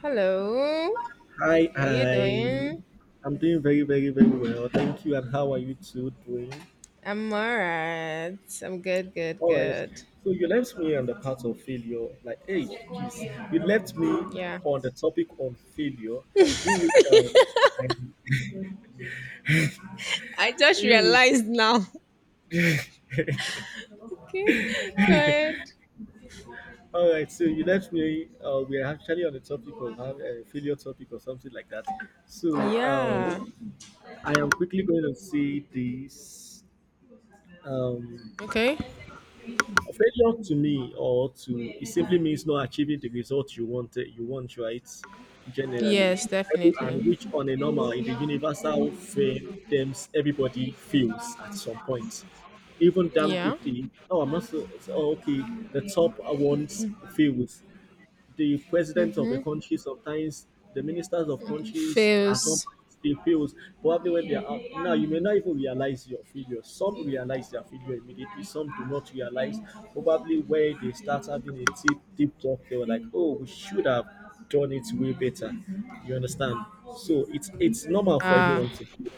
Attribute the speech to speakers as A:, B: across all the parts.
A: Hello,
B: Hi,
A: how you doing?
B: I'm doing very, very, very well. Thank you. And how are you two doing?
A: I'm alright. I'm good, good,
B: All right.
A: good.
B: So you left me on the part of failure. Like, hey, geez, you left me
A: Yeah.
B: on the topic on failure, in which I
A: I just
B: in
A: realized now.
B: which,
A: Okay, go ahead.
B: all right. So you left me. We are actually on the topic of failure topic or something like that. So
A: Yeah.
B: I am quickly going to see this. Um,
A: Okay.
B: Failure to me or to it simply means not achieving the result you want, right? Generally.
A: Yes, definitely.
B: And which on a normal in the universal frame terms everybody feels at some point. Even damn
A: Yeah.
B: good thing. Oh, I'm also okay, the top ones fails the president of a
A: Mm-hmm.
B: country, sometimes the ministers of countries, at some
A: Feels.
B: point they fail. Probably when they are out now, you may not even realize your failure. Some realize their failure immediately, some do not realize. Probably where they start having a deep, deep talk, they were like, oh, we should have done it way better. You understand? So it's normal for
A: Ah.
B: everyone to fail.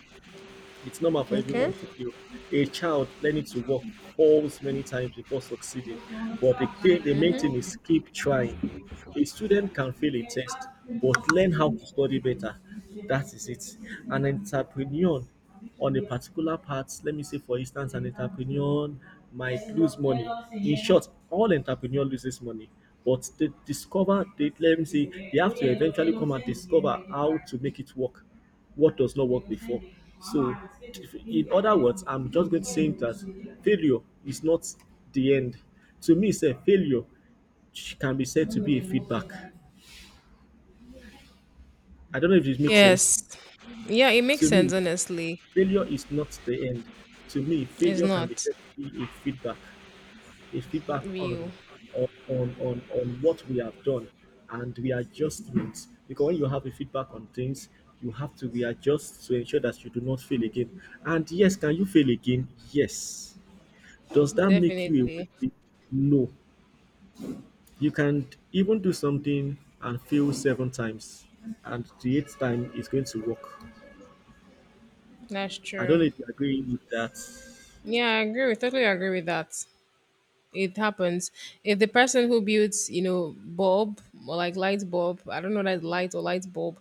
B: It's normal for
A: Okay.
B: everyone to fail. A child learning to walk falls many times before succeeding, but the main thing
A: Mm-hmm.
B: is keep trying. A student can fail a test, but learn how to study better. That is it. An entrepreneur on a particular path, let me say, for instance, an entrepreneur might lose money. In short, all entrepreneur loses money, but let me say, they have to eventually come and discover how to make it work what does not work before. So, in other words, I'm just going to say that failure is not the end. To me, say failure can be said to be a feedback. I don't know if this makes
A: Yes.
B: sense.
A: Yeah, it makes
B: To
A: sense,
B: me,
A: honestly.
B: failure is not the end. To me,
A: It's
B: failure can be
A: not
B: said to be a feedback, a feedback
A: real.
B: on what we have done and the adjustments, because when you have a feedback on things you have to readjust to ensure that you do not fail again. And yes, can you fail again? Yes. Does that make you a
A: Definitely.
B: weakling? No. You can even do something and fail seven times and the eighth time is going to work.
A: That's
B: I don't know
A: true.
B: if you agree with that.
A: Yeah, I agree. Totally agree with that. It happens if the person who builds bulb or like light bulb, I don't know, that light or light bulb,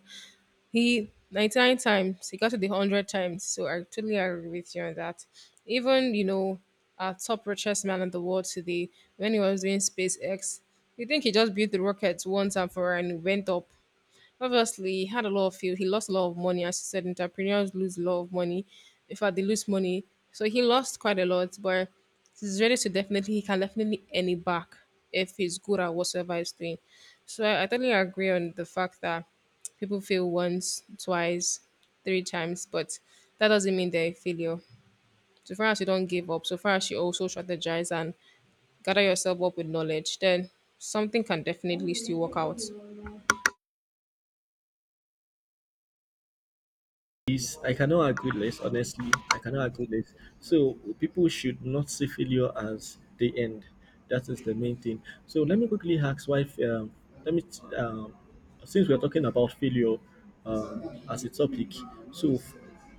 A: he 99 times, he got to the 100 times, so I totally agree with you on that. Even our top richest man in the world today, when he was doing SpaceX, you think he just built the rocket once and for all and it went up? Obviously, he had a lot of field. He lost a lot of money. As you said, entrepreneurs lose a lot of money. In fact, they lose money. So he lost quite a lot, but he's ready to, definitely, he can definitely earn it back if he's good at whatsoever he's doing. So I totally agree on the fact that people fail once, twice, three times, but that doesn't mean they're a failure. So far as you don't give up, so far as you also strategize and gather yourself up with knowledge, then something can definitely still work out.
B: Is I cannot agree less, honestly. I cannot agree less. So people should not see failure as the end. That is the main thing. So let me quickly ask why. Let me t- um, since we are talking about failure as a topic. So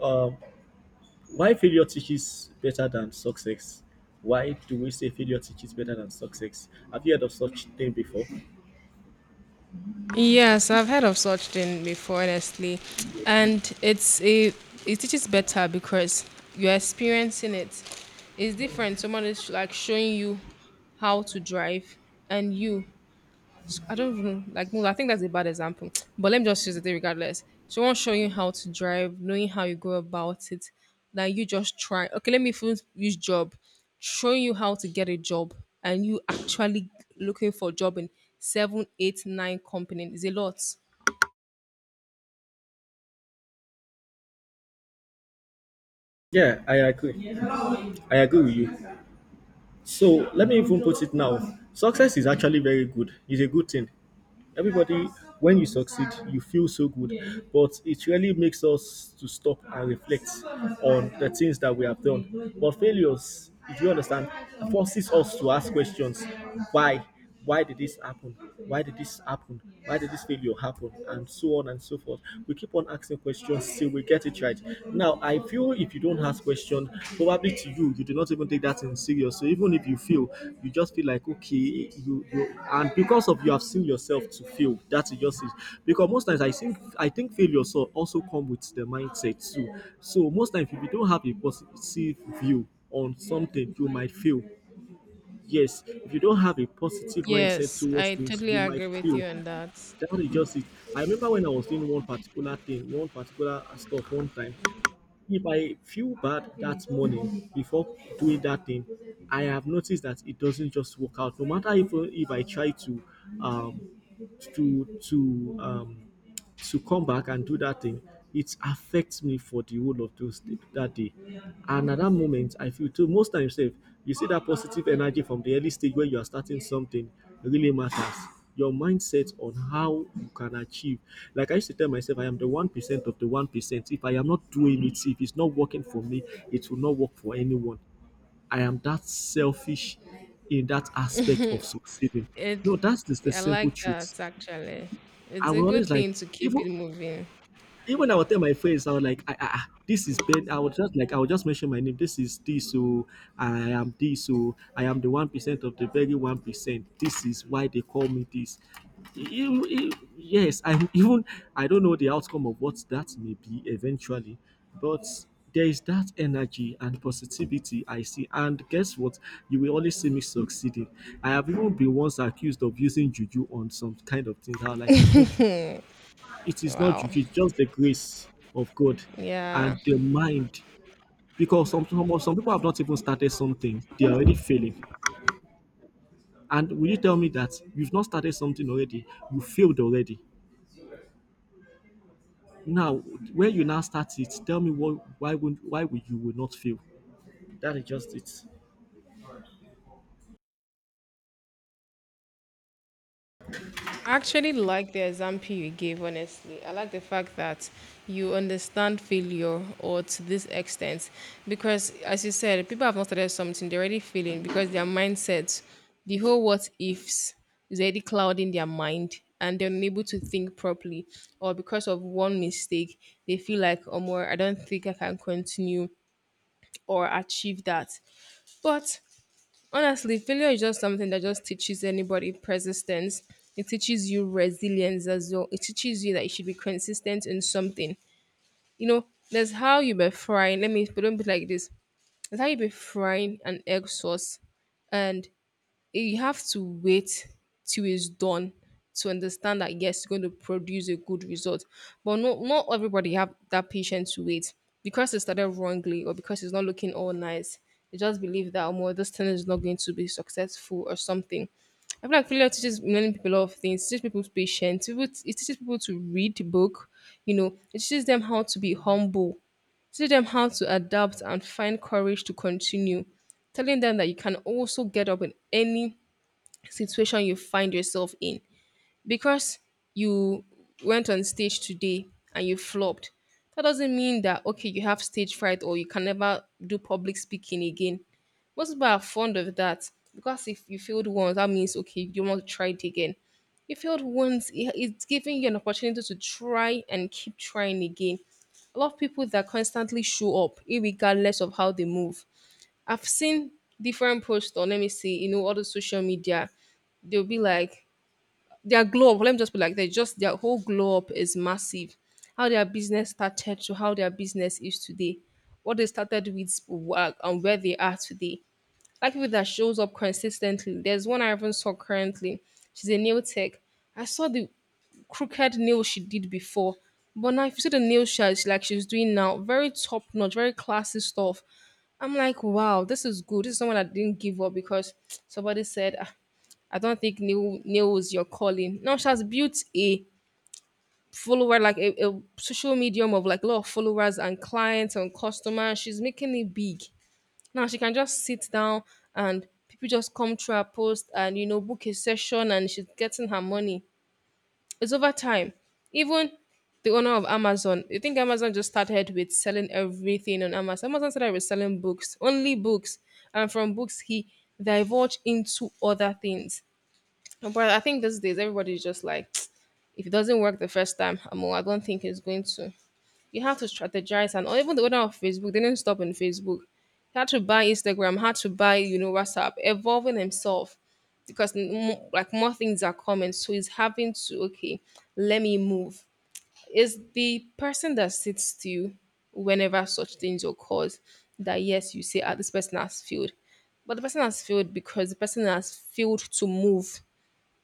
B: um, why failure teaches better than success? Why do we say failure teaches better than success? Have you heard of such thing before?
A: Yes, I've heard of such thing before, honestly, and it's a, it teaches better because you're experiencing it. It's different. Someone is like showing you how to drive, and you, I don't even like move. I think that's a bad example. But let me just use it regardless. She won't show you how to drive, knowing how you go about it. Then you just try. Okay, let me first use job. Showing you how to get a job and you actually looking for a job in seven, eight, nine company is a lot.
B: Yeah, I agree. I agree with you. So let me even put it now. Success is actually very good. It's a good thing. Everybody, when you succeed, you feel so good. But it really makes us to stop and reflect on the things that we have done. But failures, if you understand, forces us to ask questions. Why? Why did this happen? Why did this happen? Why did this failure happen? And so on and so forth. We keep on asking questions till we get it right. Now, I feel if you don't ask question, probably to you, you do not even take that in serious. So even if you feel, you just feel like okay, you, and because of you have seen yourself to fail, that's just it. Because most times I think failure so also come with the mindset too. So most times if you don't have a positive view on something, you might fail. Yes, if you don't have a positive mindset
A: Yes,
B: towards
A: I
B: things,
A: totally
B: you might
A: agree with
B: fail.
A: you on that.
B: That is just it. I remember when I was doing one particular thing, one particular stuff one time. If I feel bad that morning before doing that thing, I have noticed that it doesn't just work out. No matter if I try to um to to um to come back and do that thing, it affects me for the whole of those day, that day. And at that moment, I feel too. Most times, sef, you see that positive energy from the early stage when you are starting something really matters. Your mindset on how you can achieve. Like I used to tell myself, I am the 1% of the 1%. If I am not doing it, if it's not working for me, it will not work for anyone. I am that selfish in that aspect of succeeding.
A: It,
B: No, that's just the
A: I
B: simple
A: like
B: truth.
A: that actually.
B: I
A: It's a
B: will
A: good
B: always like
A: thing to keep
B: even
A: it moving.
B: even I will tell my friends. I was like, this is Ben. I was just like, I will just mention my name. This is this. So I am this. So I am the 1% of the very 1%. This is why they call me this. Yes, I don't know the outcome of what that may be eventually, but there is that energy and positivity I see. And guess what? You will always see me succeeding. I have even been once accused of using juju on some kind of things. I was like, it's not juju, it is not
A: Wow.
B: juju, it's just the grace of God
A: Yeah.
B: and the mind. Because some people have not even started something, they are already failing. And will you tell me that you've not started something already, you failed already? Now, when you now start it, tell me why would you would not fail? That is just it.
A: I actually like the example you gave, honestly. I like the fact that you understand failure or to this extent. Because, as you said, people have not started something, they're already failing because their mindset, the whole what ifs, is already clouding their mind and they're unable to think properly. Or because of one mistake, they feel like, oh, more, I don't think I can continue or achieve that. But honestly, failure is just something that just teaches anybody persistence. It teaches you resilience as well. It teaches you that you should be consistent in something. You know, there's how you be frying. Let me put it like this. There's how you be frying an egg sauce, and eh, you have to wait till it's done to understand that yes, it's going to produce a good result. But not everybody have that patience to wait because they started wrongly or because it's not looking all nice. They just believe that more this thing is not going to be successful or something. I feel like failure teaches many people a lot of things. It teaches people patience. People, it teaches people to read the book. You know, it teaches them how to be humble. It teaches them how to adapt and find courage to continue, telling them that you can also get up in any situation you find yourself in. Because you went on stage today and you flopped, that doesn't mean that okay, you have stage fright or you can never do public speaking again. Most people are fond of that. Because if you failed once, that means okay, you want to try it again. You failed once, it's giving you an opportunity to try and keep trying again. A lot of people that constantly show up irregardless of how they move, I've seen different posts on, let me see, you know, all the social media. They'll be like, their glow up, let me just be like, they just, their whole glow up is massive. How their business started to how their business is today, what they started with work and where they are today. Like people that shows up consistently. There's one I even saw currently. She's a nail tech. I saw the crooked nail she did before. But now if you see the nail she has, like she's doing now, very top notch, very classy stuff. I'm like, wow, this is good. This is someone that didn't give up because somebody said, ah, I don't think Neil nails your calling. Now she has built a follower, like a social medium of like a lot of followers and clients and customers. She's making it big. Now she can just sit down and people just come through her post and, you know, book a session and she's getting her money. It's over time. Even the owner of Amazon, you think Amazon just started with selling everything on Amazon? Amazon started with selling books, only books, and from books he divulged into other things. No, but I think these days everybody's just like, if it doesn't work the first time, I don't think it's going to. You have to strategize, and or even the owner of Facebook, they didn't stop in Facebook. He had to buy Instagram, had to buy, you know, WhatsApp, evolving himself because like more things are coming, so he's having to, okay, let me move. It's the person that sits still whenever such things occur that, yes, you say ah, this person has failed, but the person has failed because the person has failed to move.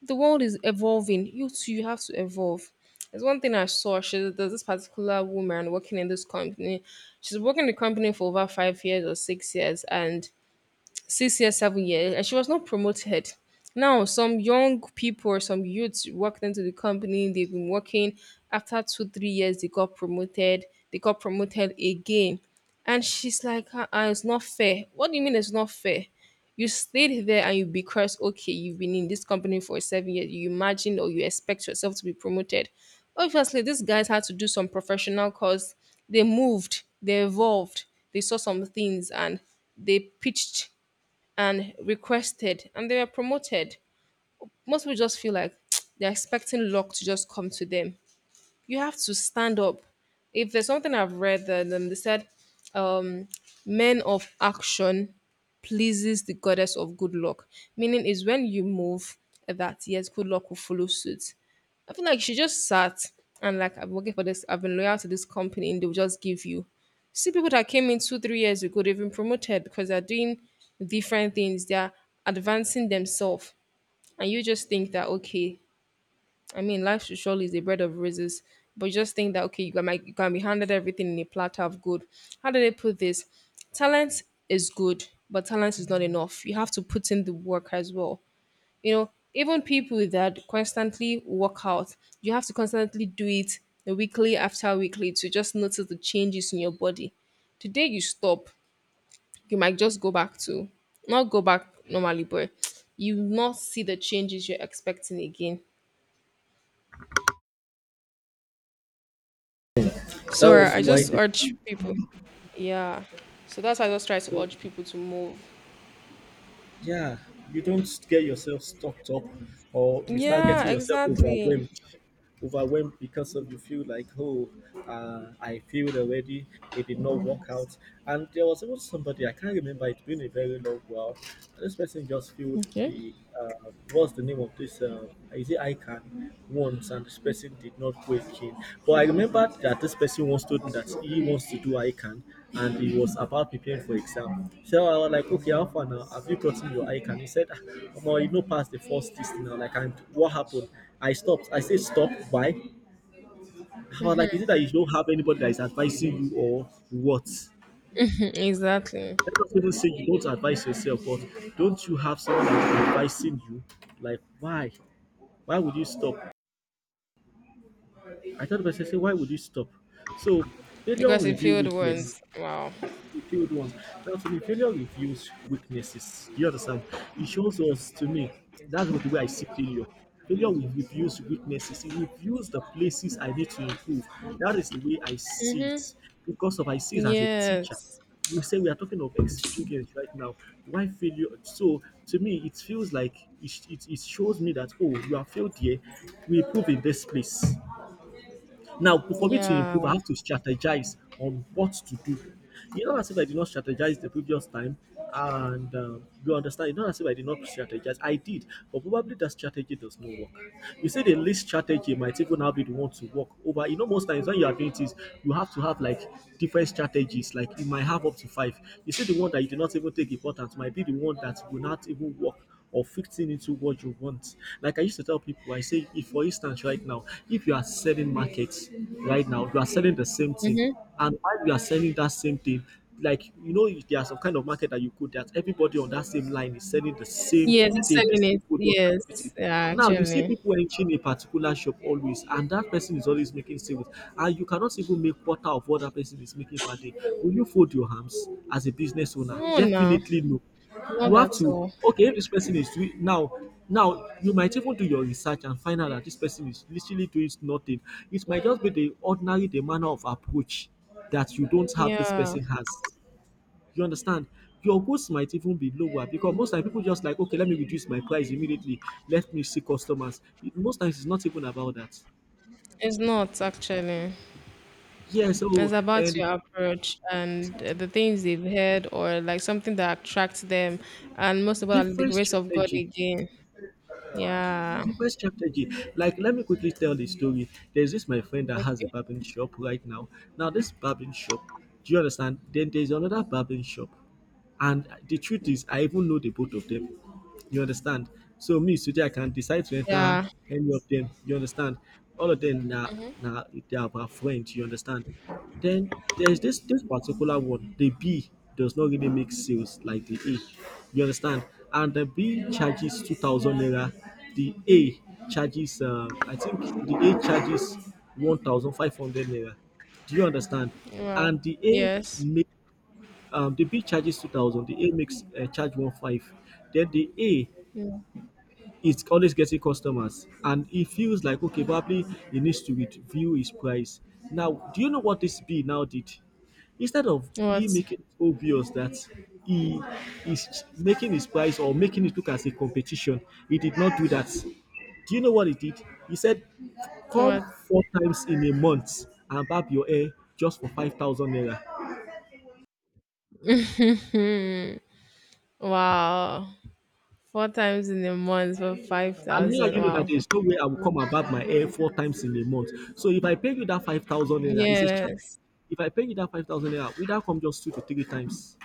A: The world is evolving. You too, you have to evolve. There's one thing I saw. She, there's this particular woman working in this company. She's working in the company for over 5 years or 6 years, and 6 years, 7 years, and she was not promoted. Now, some young people or some youths worked into the company, they've been working. After two, 3 years, they got promoted again. And she's like, it's not fair. What do you mean it's not fair? You stayed there and you, because okay, you've been in this company for 7 years, you imagine or you expect yourself to be promoted. Obviously, these guys had to do some professional cause, they moved, they evolved, they saw some things and they pitched and requested and they were promoted. Most people just feel like they're expecting luck to just come to them. You have to stand up. If there's something I've read that they said, um, men of action pleases the goddess of good luck, meaning is when you move, that yes, good luck will follow suit. I feel like she just sat and like, I'm working for this, I've been loyal to this company, and they'll just give you. See people that came in two, 3 years ago, they've been promoted because they're doing different things, they're advancing themselves. And you just think that okay, I mean, life should surely is a bread of roses, but you just think that okay, you can, you can be handed everything in a platter of good. How do they put this? Talent is good, but talent is not enough. You have to put in the work as well. You know, even people that constantly work out, you have to constantly do it weekly after weekly to just notice the changes in your body. The day you stop, you might just go back to, not go back normally, but you will not see the changes you're expecting again.
B: That
A: So right,
B: was
A: I just
B: quite it.
A: urge people. Yeah. So that's why I just try to
B: So
A: urge people to move.
B: yeah, you don't get yourself stopped up, or you start
A: Yeah,
B: getting yourself
A: exactly.
B: overwhelmed because of you feel like I failed already, it did not work out. And there was even somebody, I can't remember, it's been a very long while, this person just failed
A: Okay.
B: the uh, what's the name of this is it ICAN once, and this person did not break in. But I remember that this person once told me that he wants to do ICAN, and he was about preparing for exam. So I was like, okay, how far now, have you gotten your ICAN? He said, ah, omo, you no pass the first test now. Like, and what happened? I stopped. I said, "Stop. Why? I was like, is it that you don't have anybody that is advising you or what?
A: exactly.
B: Let us even say you don't advise yourself, but don't you have someone that is advising you? Like, why? Why would you stop? I thought to myself, say, why would you stop? So failure will
A: Because it
B: reveal
A: failed
B: weakness.
A: once. Wow.
B: Failed ones. That's when failure reveals weaknesses. Do you understand? It shows us to me. That's what the way I see failure. Failure will reveals weaknesses. It reveals the places I need to improve. That is the way I see it. Because of I see it as a teacher.
A: Yes.
B: We say we are talking of experience right now. Why failure? So to me, it feels like it shows me that, oh, you have failed here. We improve in this place. Now, for me to improve, I
A: Yeah.
B: have to strategize on what to do. You know, as if I did not strategize the previous time, and you understand, you know, as if I did not strategize. I did, but probably that strategy does not work. You see, the least strategy might even now be the one to work over. You know, most times when you are doing this, you have to have like different strategies. Like you might have up to five. You see, the one that you did not even take important might be the one that will not even work or fitting into what you want. Like I used to tell people, I say, if for instance, right now, if you are selling markets right now, you are selling the same thing,
A: Mm-hmm.
B: and while you are selling that same thing, like you know, if there are some kind of market that you could. That everybody on that same line is selling the same
A: Yes, it's
B: thing, the
A: selling
B: same
A: it.
B: product, and everything
A: Yes. Yeah,
B: expensive. Now you see
A: actually.
B: people entering a particular shop always, and that person is always making sales, and you cannot even make quarter of what that person is making per day. Will you fold your hands as a business owner?
A: No, no.
B: Definitely no.
A: Not
B: You have
A: at
B: to
A: all.
B: okay if this person is doing now. Now you might even do your research and find out that this person is literally doing nothing. It might just be the ordinary the manner of approach that you don't have this
A: Yeah.
B: person has. You understand? Your goals might even be lower because most time people just like, okay, let me reduce my price immediately. Let me see customers. Most times it's not even about that.
A: It's not actually.
B: Yeah,
A: It's
B: so
A: about
B: and
A: your approach and the things they've heard or like something that attracts them. And most of all, the
B: different
A: grace of God
B: strategy.
A: again. Yeah.
B: Different strategy. Like, let me quickly tell the story. There's this my friend that has a
A: Okay.
B: barbering shop right now. Now, this barbering shop, do you understand? Then there's another barbering shop. And the truth is, I even know the both of them. You understand? So me today I can decide to enter
A: Yeah.
B: any of them. You understand? All of them now
A: Mm-hmm.
B: now they are my friends. You understand? Then there's this particular one. The B does not really make sales like the A. You understand? And the B charges 2,000 naira. The A charges I think the A charges 1,500 naira. Do you understand?
A: Wow.
B: And the A
A: Yes.
B: make the B charges 2,000. The A makes charge one five. Then the A
A: Mm.
B: it's always getting customers, and it feels like, okay, probably he needs to review his price. Now, do you know what this B now did? Instead of he
A: What?
B: making it obvious that he is making his price or making it look as a competition, he did not do that. Do you know what he did? He said, come
A: What?
B: four times in a month and barb your hair just for 5,000 naira.
A: Hmm. Wow. Four times in a month for five
B: And me
A: thousand.
B: and you know that
A: Wow.
B: there's no way I will come about my hair four times in a month. So if I pay you that 5,000 naira, it's a charter.
A: Yes.
B: If I pay you that 5,000 naira, we that come just two to three times.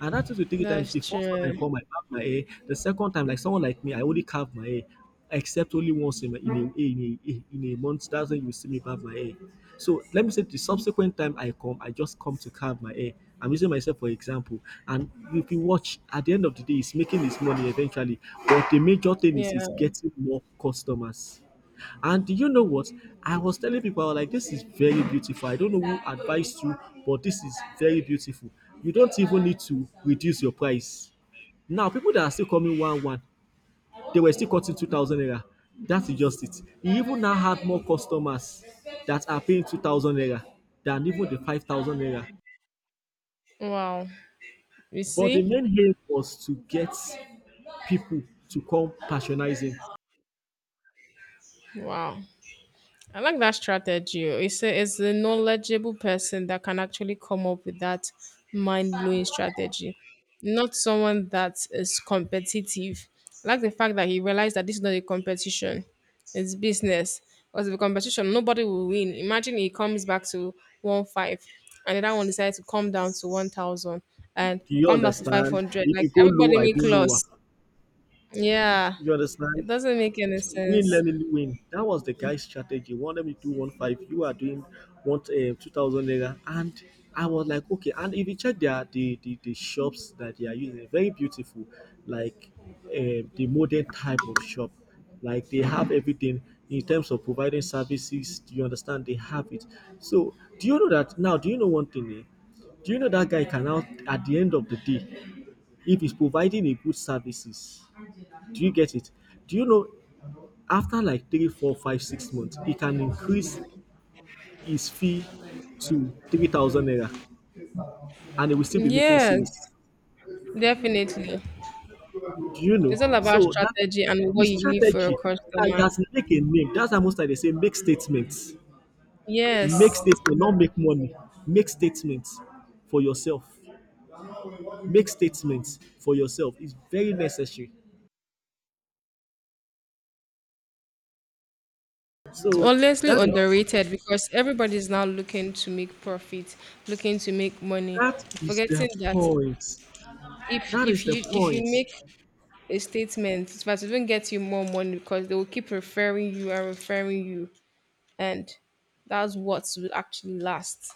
B: And that two to three times,
A: That's
B: the first one I
A: true.
B: come, I carve my hair. The second time, like someone like me, I only carve my hair, except only once in a month. That's when you see me carve my hair. So let me say the subsequent time I come, I just come to carve my hair. I'm using myself for example. And if you watch, at the end of the day, he's making his money eventually. But the major thing is
A: Yeah.
B: getting more customers. And do you know what? I was telling people, I was like, this is very beautiful. I don't know who advised you, but this is very beautiful. You don't even need to reduce your price. Now, people that are still coming one one, they were still cutting 2,000 naira. That is just it. He even now had more customers that are paying 2,000 naira than even the 5,000 naira.
A: Wow. You
B: But the
A: see?
B: main aim was to get people to come patronizing.
A: Wow. I like that strategy. It's a knowledgeable person that can actually come up with that mind blowing strategy, not someone that is competitive. I like the fact that he realized that this is not a competition, it's business. Because if a competition, nobody will win. Imagine he comes back to 1 5 and the other one decides to come down to 1,000 and
B: Do you
A: come back to
B: understand?
A: 500.
B: If
A: Like
B: you go low,
A: everybody
B: I go
A: make
B: lower.
A: loss. Yeah,
B: You understand?
A: it doesn't make any
B: Win,
A: sense.
B: let me win. That was the guy's strategy. One, let me to do one five. You are doing one 2,000 naira, and I was like, okay. And if you check the shops that they are using, very beautiful, like the modern type of shop. Like they have everything in terms of providing services. Do you understand? They have it. So do you know that now? Do you know one thing? Eh? Do you know that guy can now, at the end of the day, if he's providing a good services, do you get it? Do you know, after like 3, 4, 5, 6 months, he can increase his fee to 3,000 naira, and he will still be making
A: Yes,
B: sales?
A: definitely.
B: Do you
A: It's
B: know?
A: all about
B: So that
A: strategy and what
B: his
A: you leave for your
B: strategy, that he
A: customer.
B: has make a name, that's why most times they say, make statements, make
A: Yes.
B: statements, not make money. Make statements for yourself. Make statements for yourself is very necessary.
A: It's
B: So
A: honestly
B: that is
A: underrated because everybody's now looking to make profit, looking to make money,
B: that is the
A: forgetting that
B: point.
A: if
B: That
A: if
B: is the
A: you if you
B: point.
A: make a statement, but it won't get you more money because they will keep referring you, and that's what will actually last.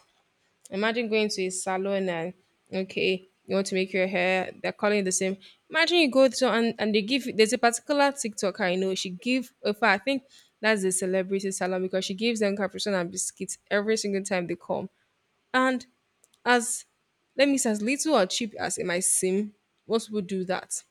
A: Imagine going to a salon and okay, you want to make your hair, they're calling the same. Imagine you go to and they give there's a particular TikToker I know, she give in fact I think that's the celebrity salon because she gives them cappuccino and biscuits every single time they come. And as let me say as little or cheap as it might seem, most people do that.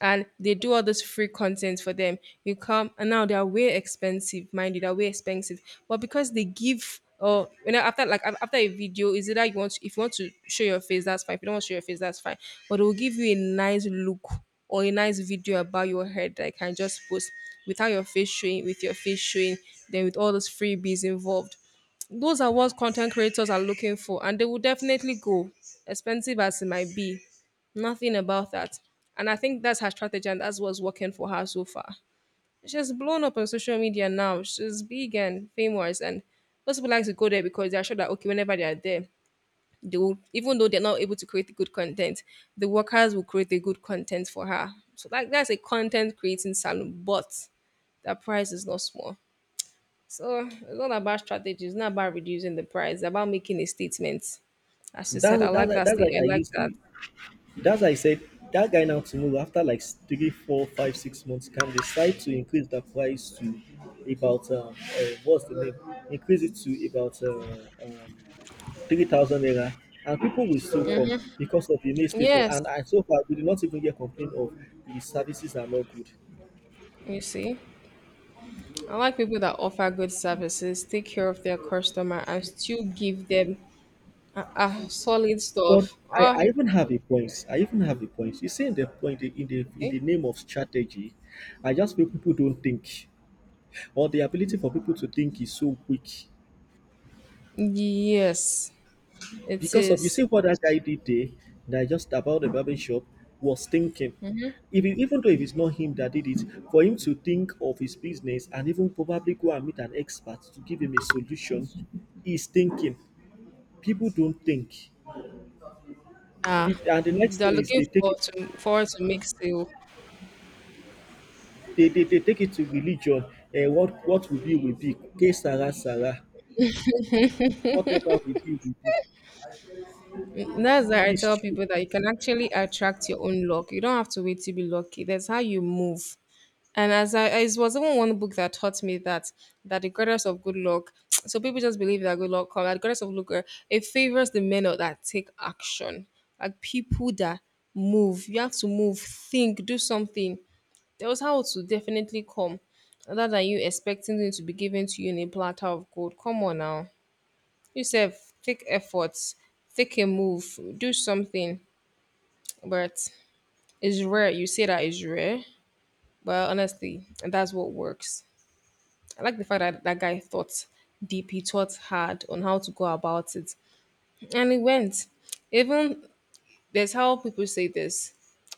A: And they do all this free content for them. You come and now they are way expensive, mind you, they're way expensive. But because they give or you know, after like after a video, is either you want to, if you want to show your face, that's fine. If you don't want to show your face, that's fine. But they will give you a nice look or a nice video about your head that I can just post without your face showing, with your face showing, then with all those freebies involved. Those are what content creators are looking for, and they will definitely go, expensive as it might be. Nothing about that. And I think that's her strategy, and that's what's working for her so far. She's blown up on social media now. She's big and famous, and most people like to go there because they're sure that okay, whenever they are there, they will, even though they're not able to create good content, the workers will create the good content for her. So like that's a content creating salon, but that price is not small. So it's not about strategy. It's not about reducing the price. It's about making a statement. As you said,
B: that's
A: I like
B: that's
A: that
B: that's
A: state.
B: why
A: I
B: I
A: like
B: used
A: that.
B: to. That's I said that guy now tomorrow after like three, four, five, 6 months can decide to increase the price to about what's the name? Increase it to about 3,000 naira, and people will still come because of the new statement.
A: Yes,
B: And so far, we did not even get complaint of the services are not good.
A: you see, I like people that offer good services, take care of their customer, and still give them a solid
B: But
A: stuff.
B: I
A: Ah,
B: even have a point. I even have a point. You see, in the point in
A: okay.
B: the name of strategy, I just feel people don't think, or the ability for people to think is so weak.
A: Yes, it
B: Because of You
A: is.
B: see what that guy did there, that just about the barber shop was thinking. If it, Even though if it's not him that did it, for him to think of his business and even probably go and meet an expert to give him a solution, is thinking. People don't think.
A: Ah,
B: And the next
A: they're
B: thing is
A: looking
B: they take
A: forward
B: it
A: to forward to make sale.
B: they, they, they take it to religion. What will be will be. K Sarah Sarah. Whatever will be will be.
A: Mm, that's why I
B: It's
A: tell
B: true.
A: people that you can actually attract your own luck. You don't have to wait to be lucky. That's how you move. And it was even one book that taught me that that the goddess of good luck. So people just believe that good luck comes. That the goddess of luck, it favors the men that take action, like people that move. You have to move, think, do something. There was how to definitely come, other than you expecting it to be given to you in a platter of gold. Come on now. You sef take effort, take a move, do something. But it's rare. You say that it's rare, but honestly, that's what works. I like the fact that that guy thought deep. He thought hard on how to go about it, and he went. Even there's how people say this.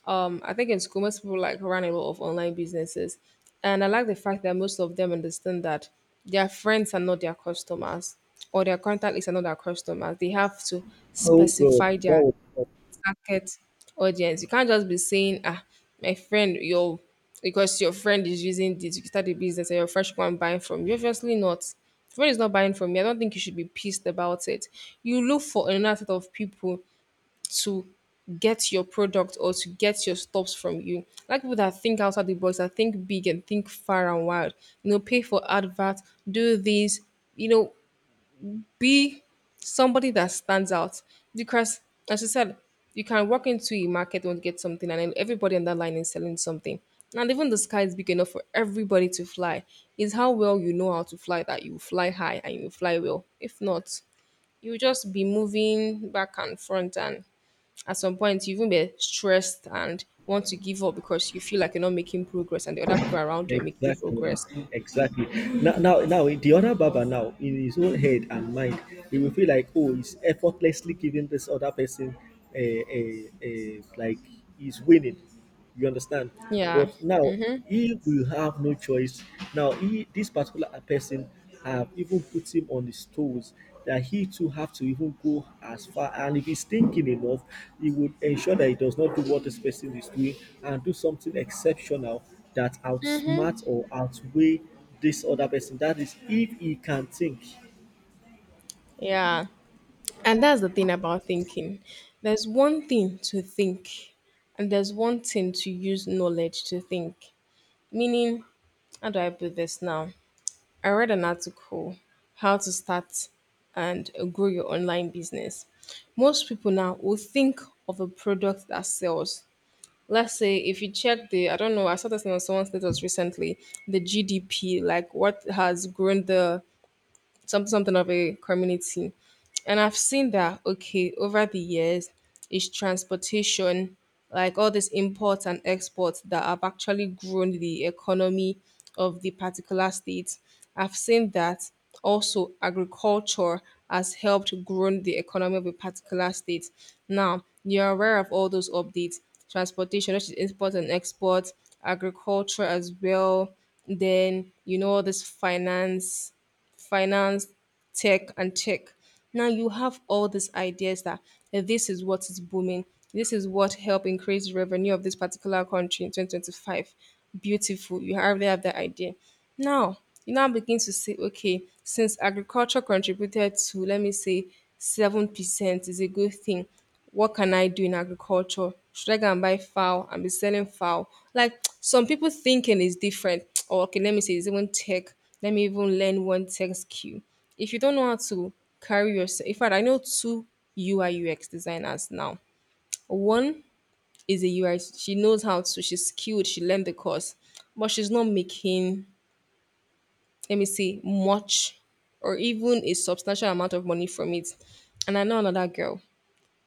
A: I think in school, most people like run a lot of online businesses, and I like the fact that most of them understand that their friends are not their customers or their contact list are not their customers. They have to
B: Oh God,
A: specify
B: that
A: their
B: was
A: target audience. You can't just be saying, "Ah, my friend, your because your friend is using this, you can start a business, and your friend should go and buy from you." Obviously, not. Friend is not buying from you, I don't think you should be pissed about it. You look for another set of people to get your product or to get your stops from you. I like people that think outside the box, that think big and think far and wide. You know, pay for advert, do this, you know, be somebody that stands out. Because as you said, you can walk into a market and get something and then everybody on that line is selling something. And even the sky is big enough for everybody to fly. Is how well you know how to fly that you fly high and you fly well. If not, you just be moving back and front and at some point, you even be stressed and want to give up because you feel like you're not making progress and the other people around you are making
B: Exactly,
A: progress.
B: exactly. Now, the other Baba now in his own head and mind, he will feel like, oh, he's effortlessly giving this other person, a, like he's winning. You understand?
A: Yeah,
B: But now he will have no choice. Now, this particular person have even put him on his toes, that he too have to even go as far. And if he's thinking enough, he would ensure that he does not do what this person is doing, and do something exceptional that outsmart or outweigh this other person. That is, if he can think.
A: yeah. And that's the thing about thinking. There's one thing to think, and there's one thing to use knowledge to think. Meaning, how do I put this now? I read an article, How to Start and Grow Your Online Business. Most people now will think of a product that sells, let's say if you check the I don't know I saw this on someone's status recently the gdp like what has grown the some something of a community. And I've seen that okay over the years is transportation, like all these imports and exports that have actually grown the economy of the particular state. I've seen that also agriculture has helped grow the economy of a particular state. Now you're aware of all those updates, transportation, which is import and export, agriculture as well. Then you know all this finance, tech, and tech. Now you have all these ideas that eh, this is what is booming. This is what help increase revenue of this particular country in 2025. Beautiful. You already have that idea. Now, you now begin to say, okay, since agriculture contributed to, let me say, 7% is a good thing what can I do in agriculture? Should I go and buy fowl and be selling fowl? Like some people thinking is different. Or okay, let me say it's even tech. Let me even learn one tech skill. If you don't know how to carry yourself, in fact, I know two UI UX designers now. One is a UI. She knows how to. She's skilled. She learned the course, but she's not making. Let me see much, or even a substantial amount of money from it. And I know another girl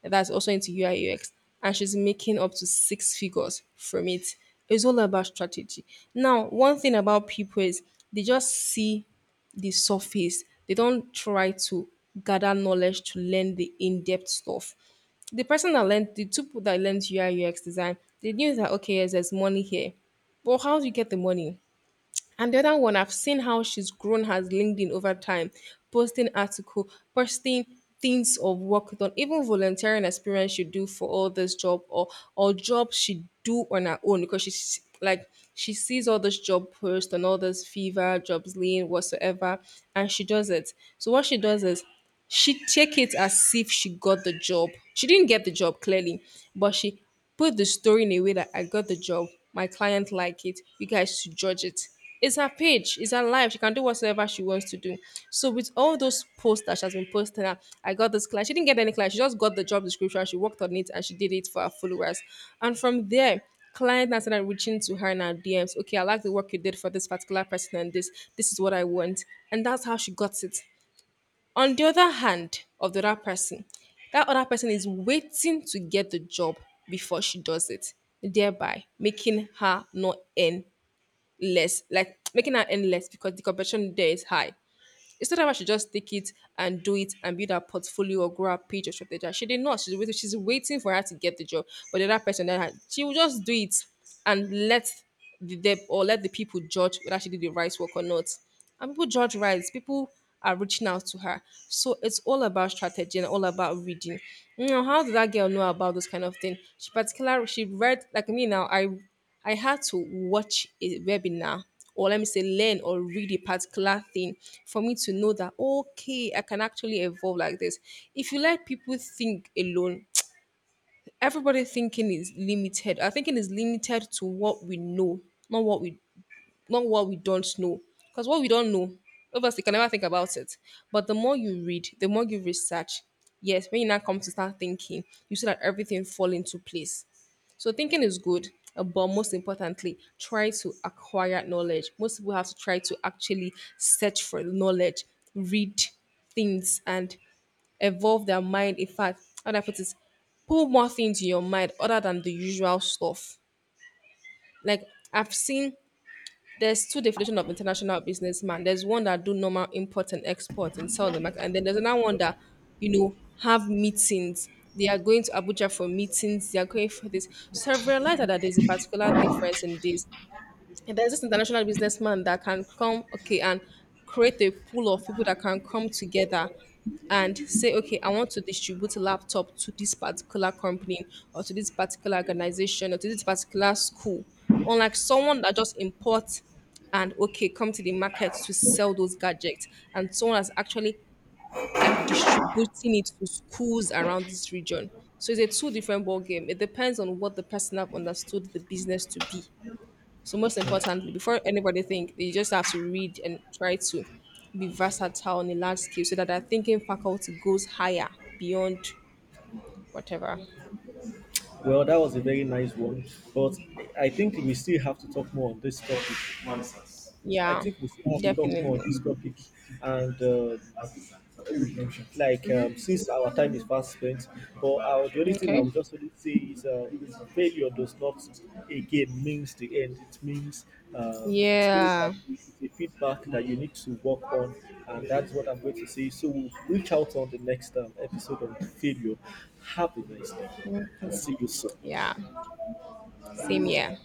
A: that's also into UI UX, and she's making up to six figures from it. It's all about strategy. Now, one thing about people is they just see the surface. They don't try to gather knowledge to learn the in-depth stuff. The person that learned the two people that learned UI UX design, they knew that okay, yes, there's money here. But how do you get the money? And the other one, I've seen how she's grown has LinkedIn over time, posting article, posting things of work done, even volunteering experience she do for all this job or jobs she do on her own because she's like she sees all this job post and all this fever, jobs lean, whatsoever, and she does it. So what she does is she take it as if she got the job. She didn't get the job clearly, but she put the story in a way that I got the job, my client like it, you guys should judge it. It's her page, it's her life. She can do whatever she wants to do. So with all those posts that she has been posting, I got this client. She didn't get any client. She just got the job description. She worked on it and she did it for her followers. And from there, client now started reaching to her in her DMs. Okay, I like the work you did for this particular person and this. This is what I want. And that's how she got it. On the other hand of the other person, that other person is waiting to get the job before she does it, thereby making her not earn less, like making her earn less because the competition there is high. Instead of her, she just take it and do it and build her portfolio or grow her page or something like she did not. She's waiting for her to get the job. But the other person that had, she will just do it and let the dev or let the people judge whether she did the right work or not. And people judge right. People are reaching out to her. So it's all about strategy and all about reading. You know, how did that girl know about those kind of thing? She particularly she read like me now. I had to watch a webinar or let me say learn or read a particular thing for me to know that okay, I can actually evolve like this. If you let people think alone, everybody thinking is limited. Our thinking is limited to what we know, not what we not what we don't know. Because what we don't know, obviously, you can never think about it. But the more you read, the more you research, yes, when you now come to start thinking, you see that everything fall into place. So thinking is good, but most importantly, try to acquire knowledge. Most people have to try to actually search for knowledge, read things, and evolve their mind. In fact, how do I put it? Put more things in your mind other than the usual stuff. Like I've seen there's two definition of international businessman. There's one that do normal import and export and sell the market, and then there's another one that you know have meetings. They are going to Abuja for meetings. They are going for this. So I've realized that there's a particular difference in this. And there's this international businessman that can come, okay, and create a pool of people that can come together and say, okay, I want to distribute a laptop to this particular company or to this particular organization or to this particular school. Unlike someone that just imports and okay, come to the market to sell those gadgets, and someone that's actually like distributing it to schools around this region. So it's a two different ball game. It depends on what the person have understood the business to be. So most importantly, before anybody think, they just have to read and try to be versatile on a large scale so that their thinking faculty goes higher beyond whatever.
B: Well, that was a very nice one, but I think we still have to talk more on this topic. I
A: Yeah,
B: think we still have to talk more on
A: definitely.
B: this topic, and uh, like since our time is fast spent, but the only thing I
A: Okay.
B: would just only say is failure does not again means the end. It means that
A: Yeah.
B: it's a feedback that you need to work on, and that's what I'm going to say. So we'll reach out on the next episode on failure. Have a nice day, and see you
A: Yeah.
B: soon.
A: Same here.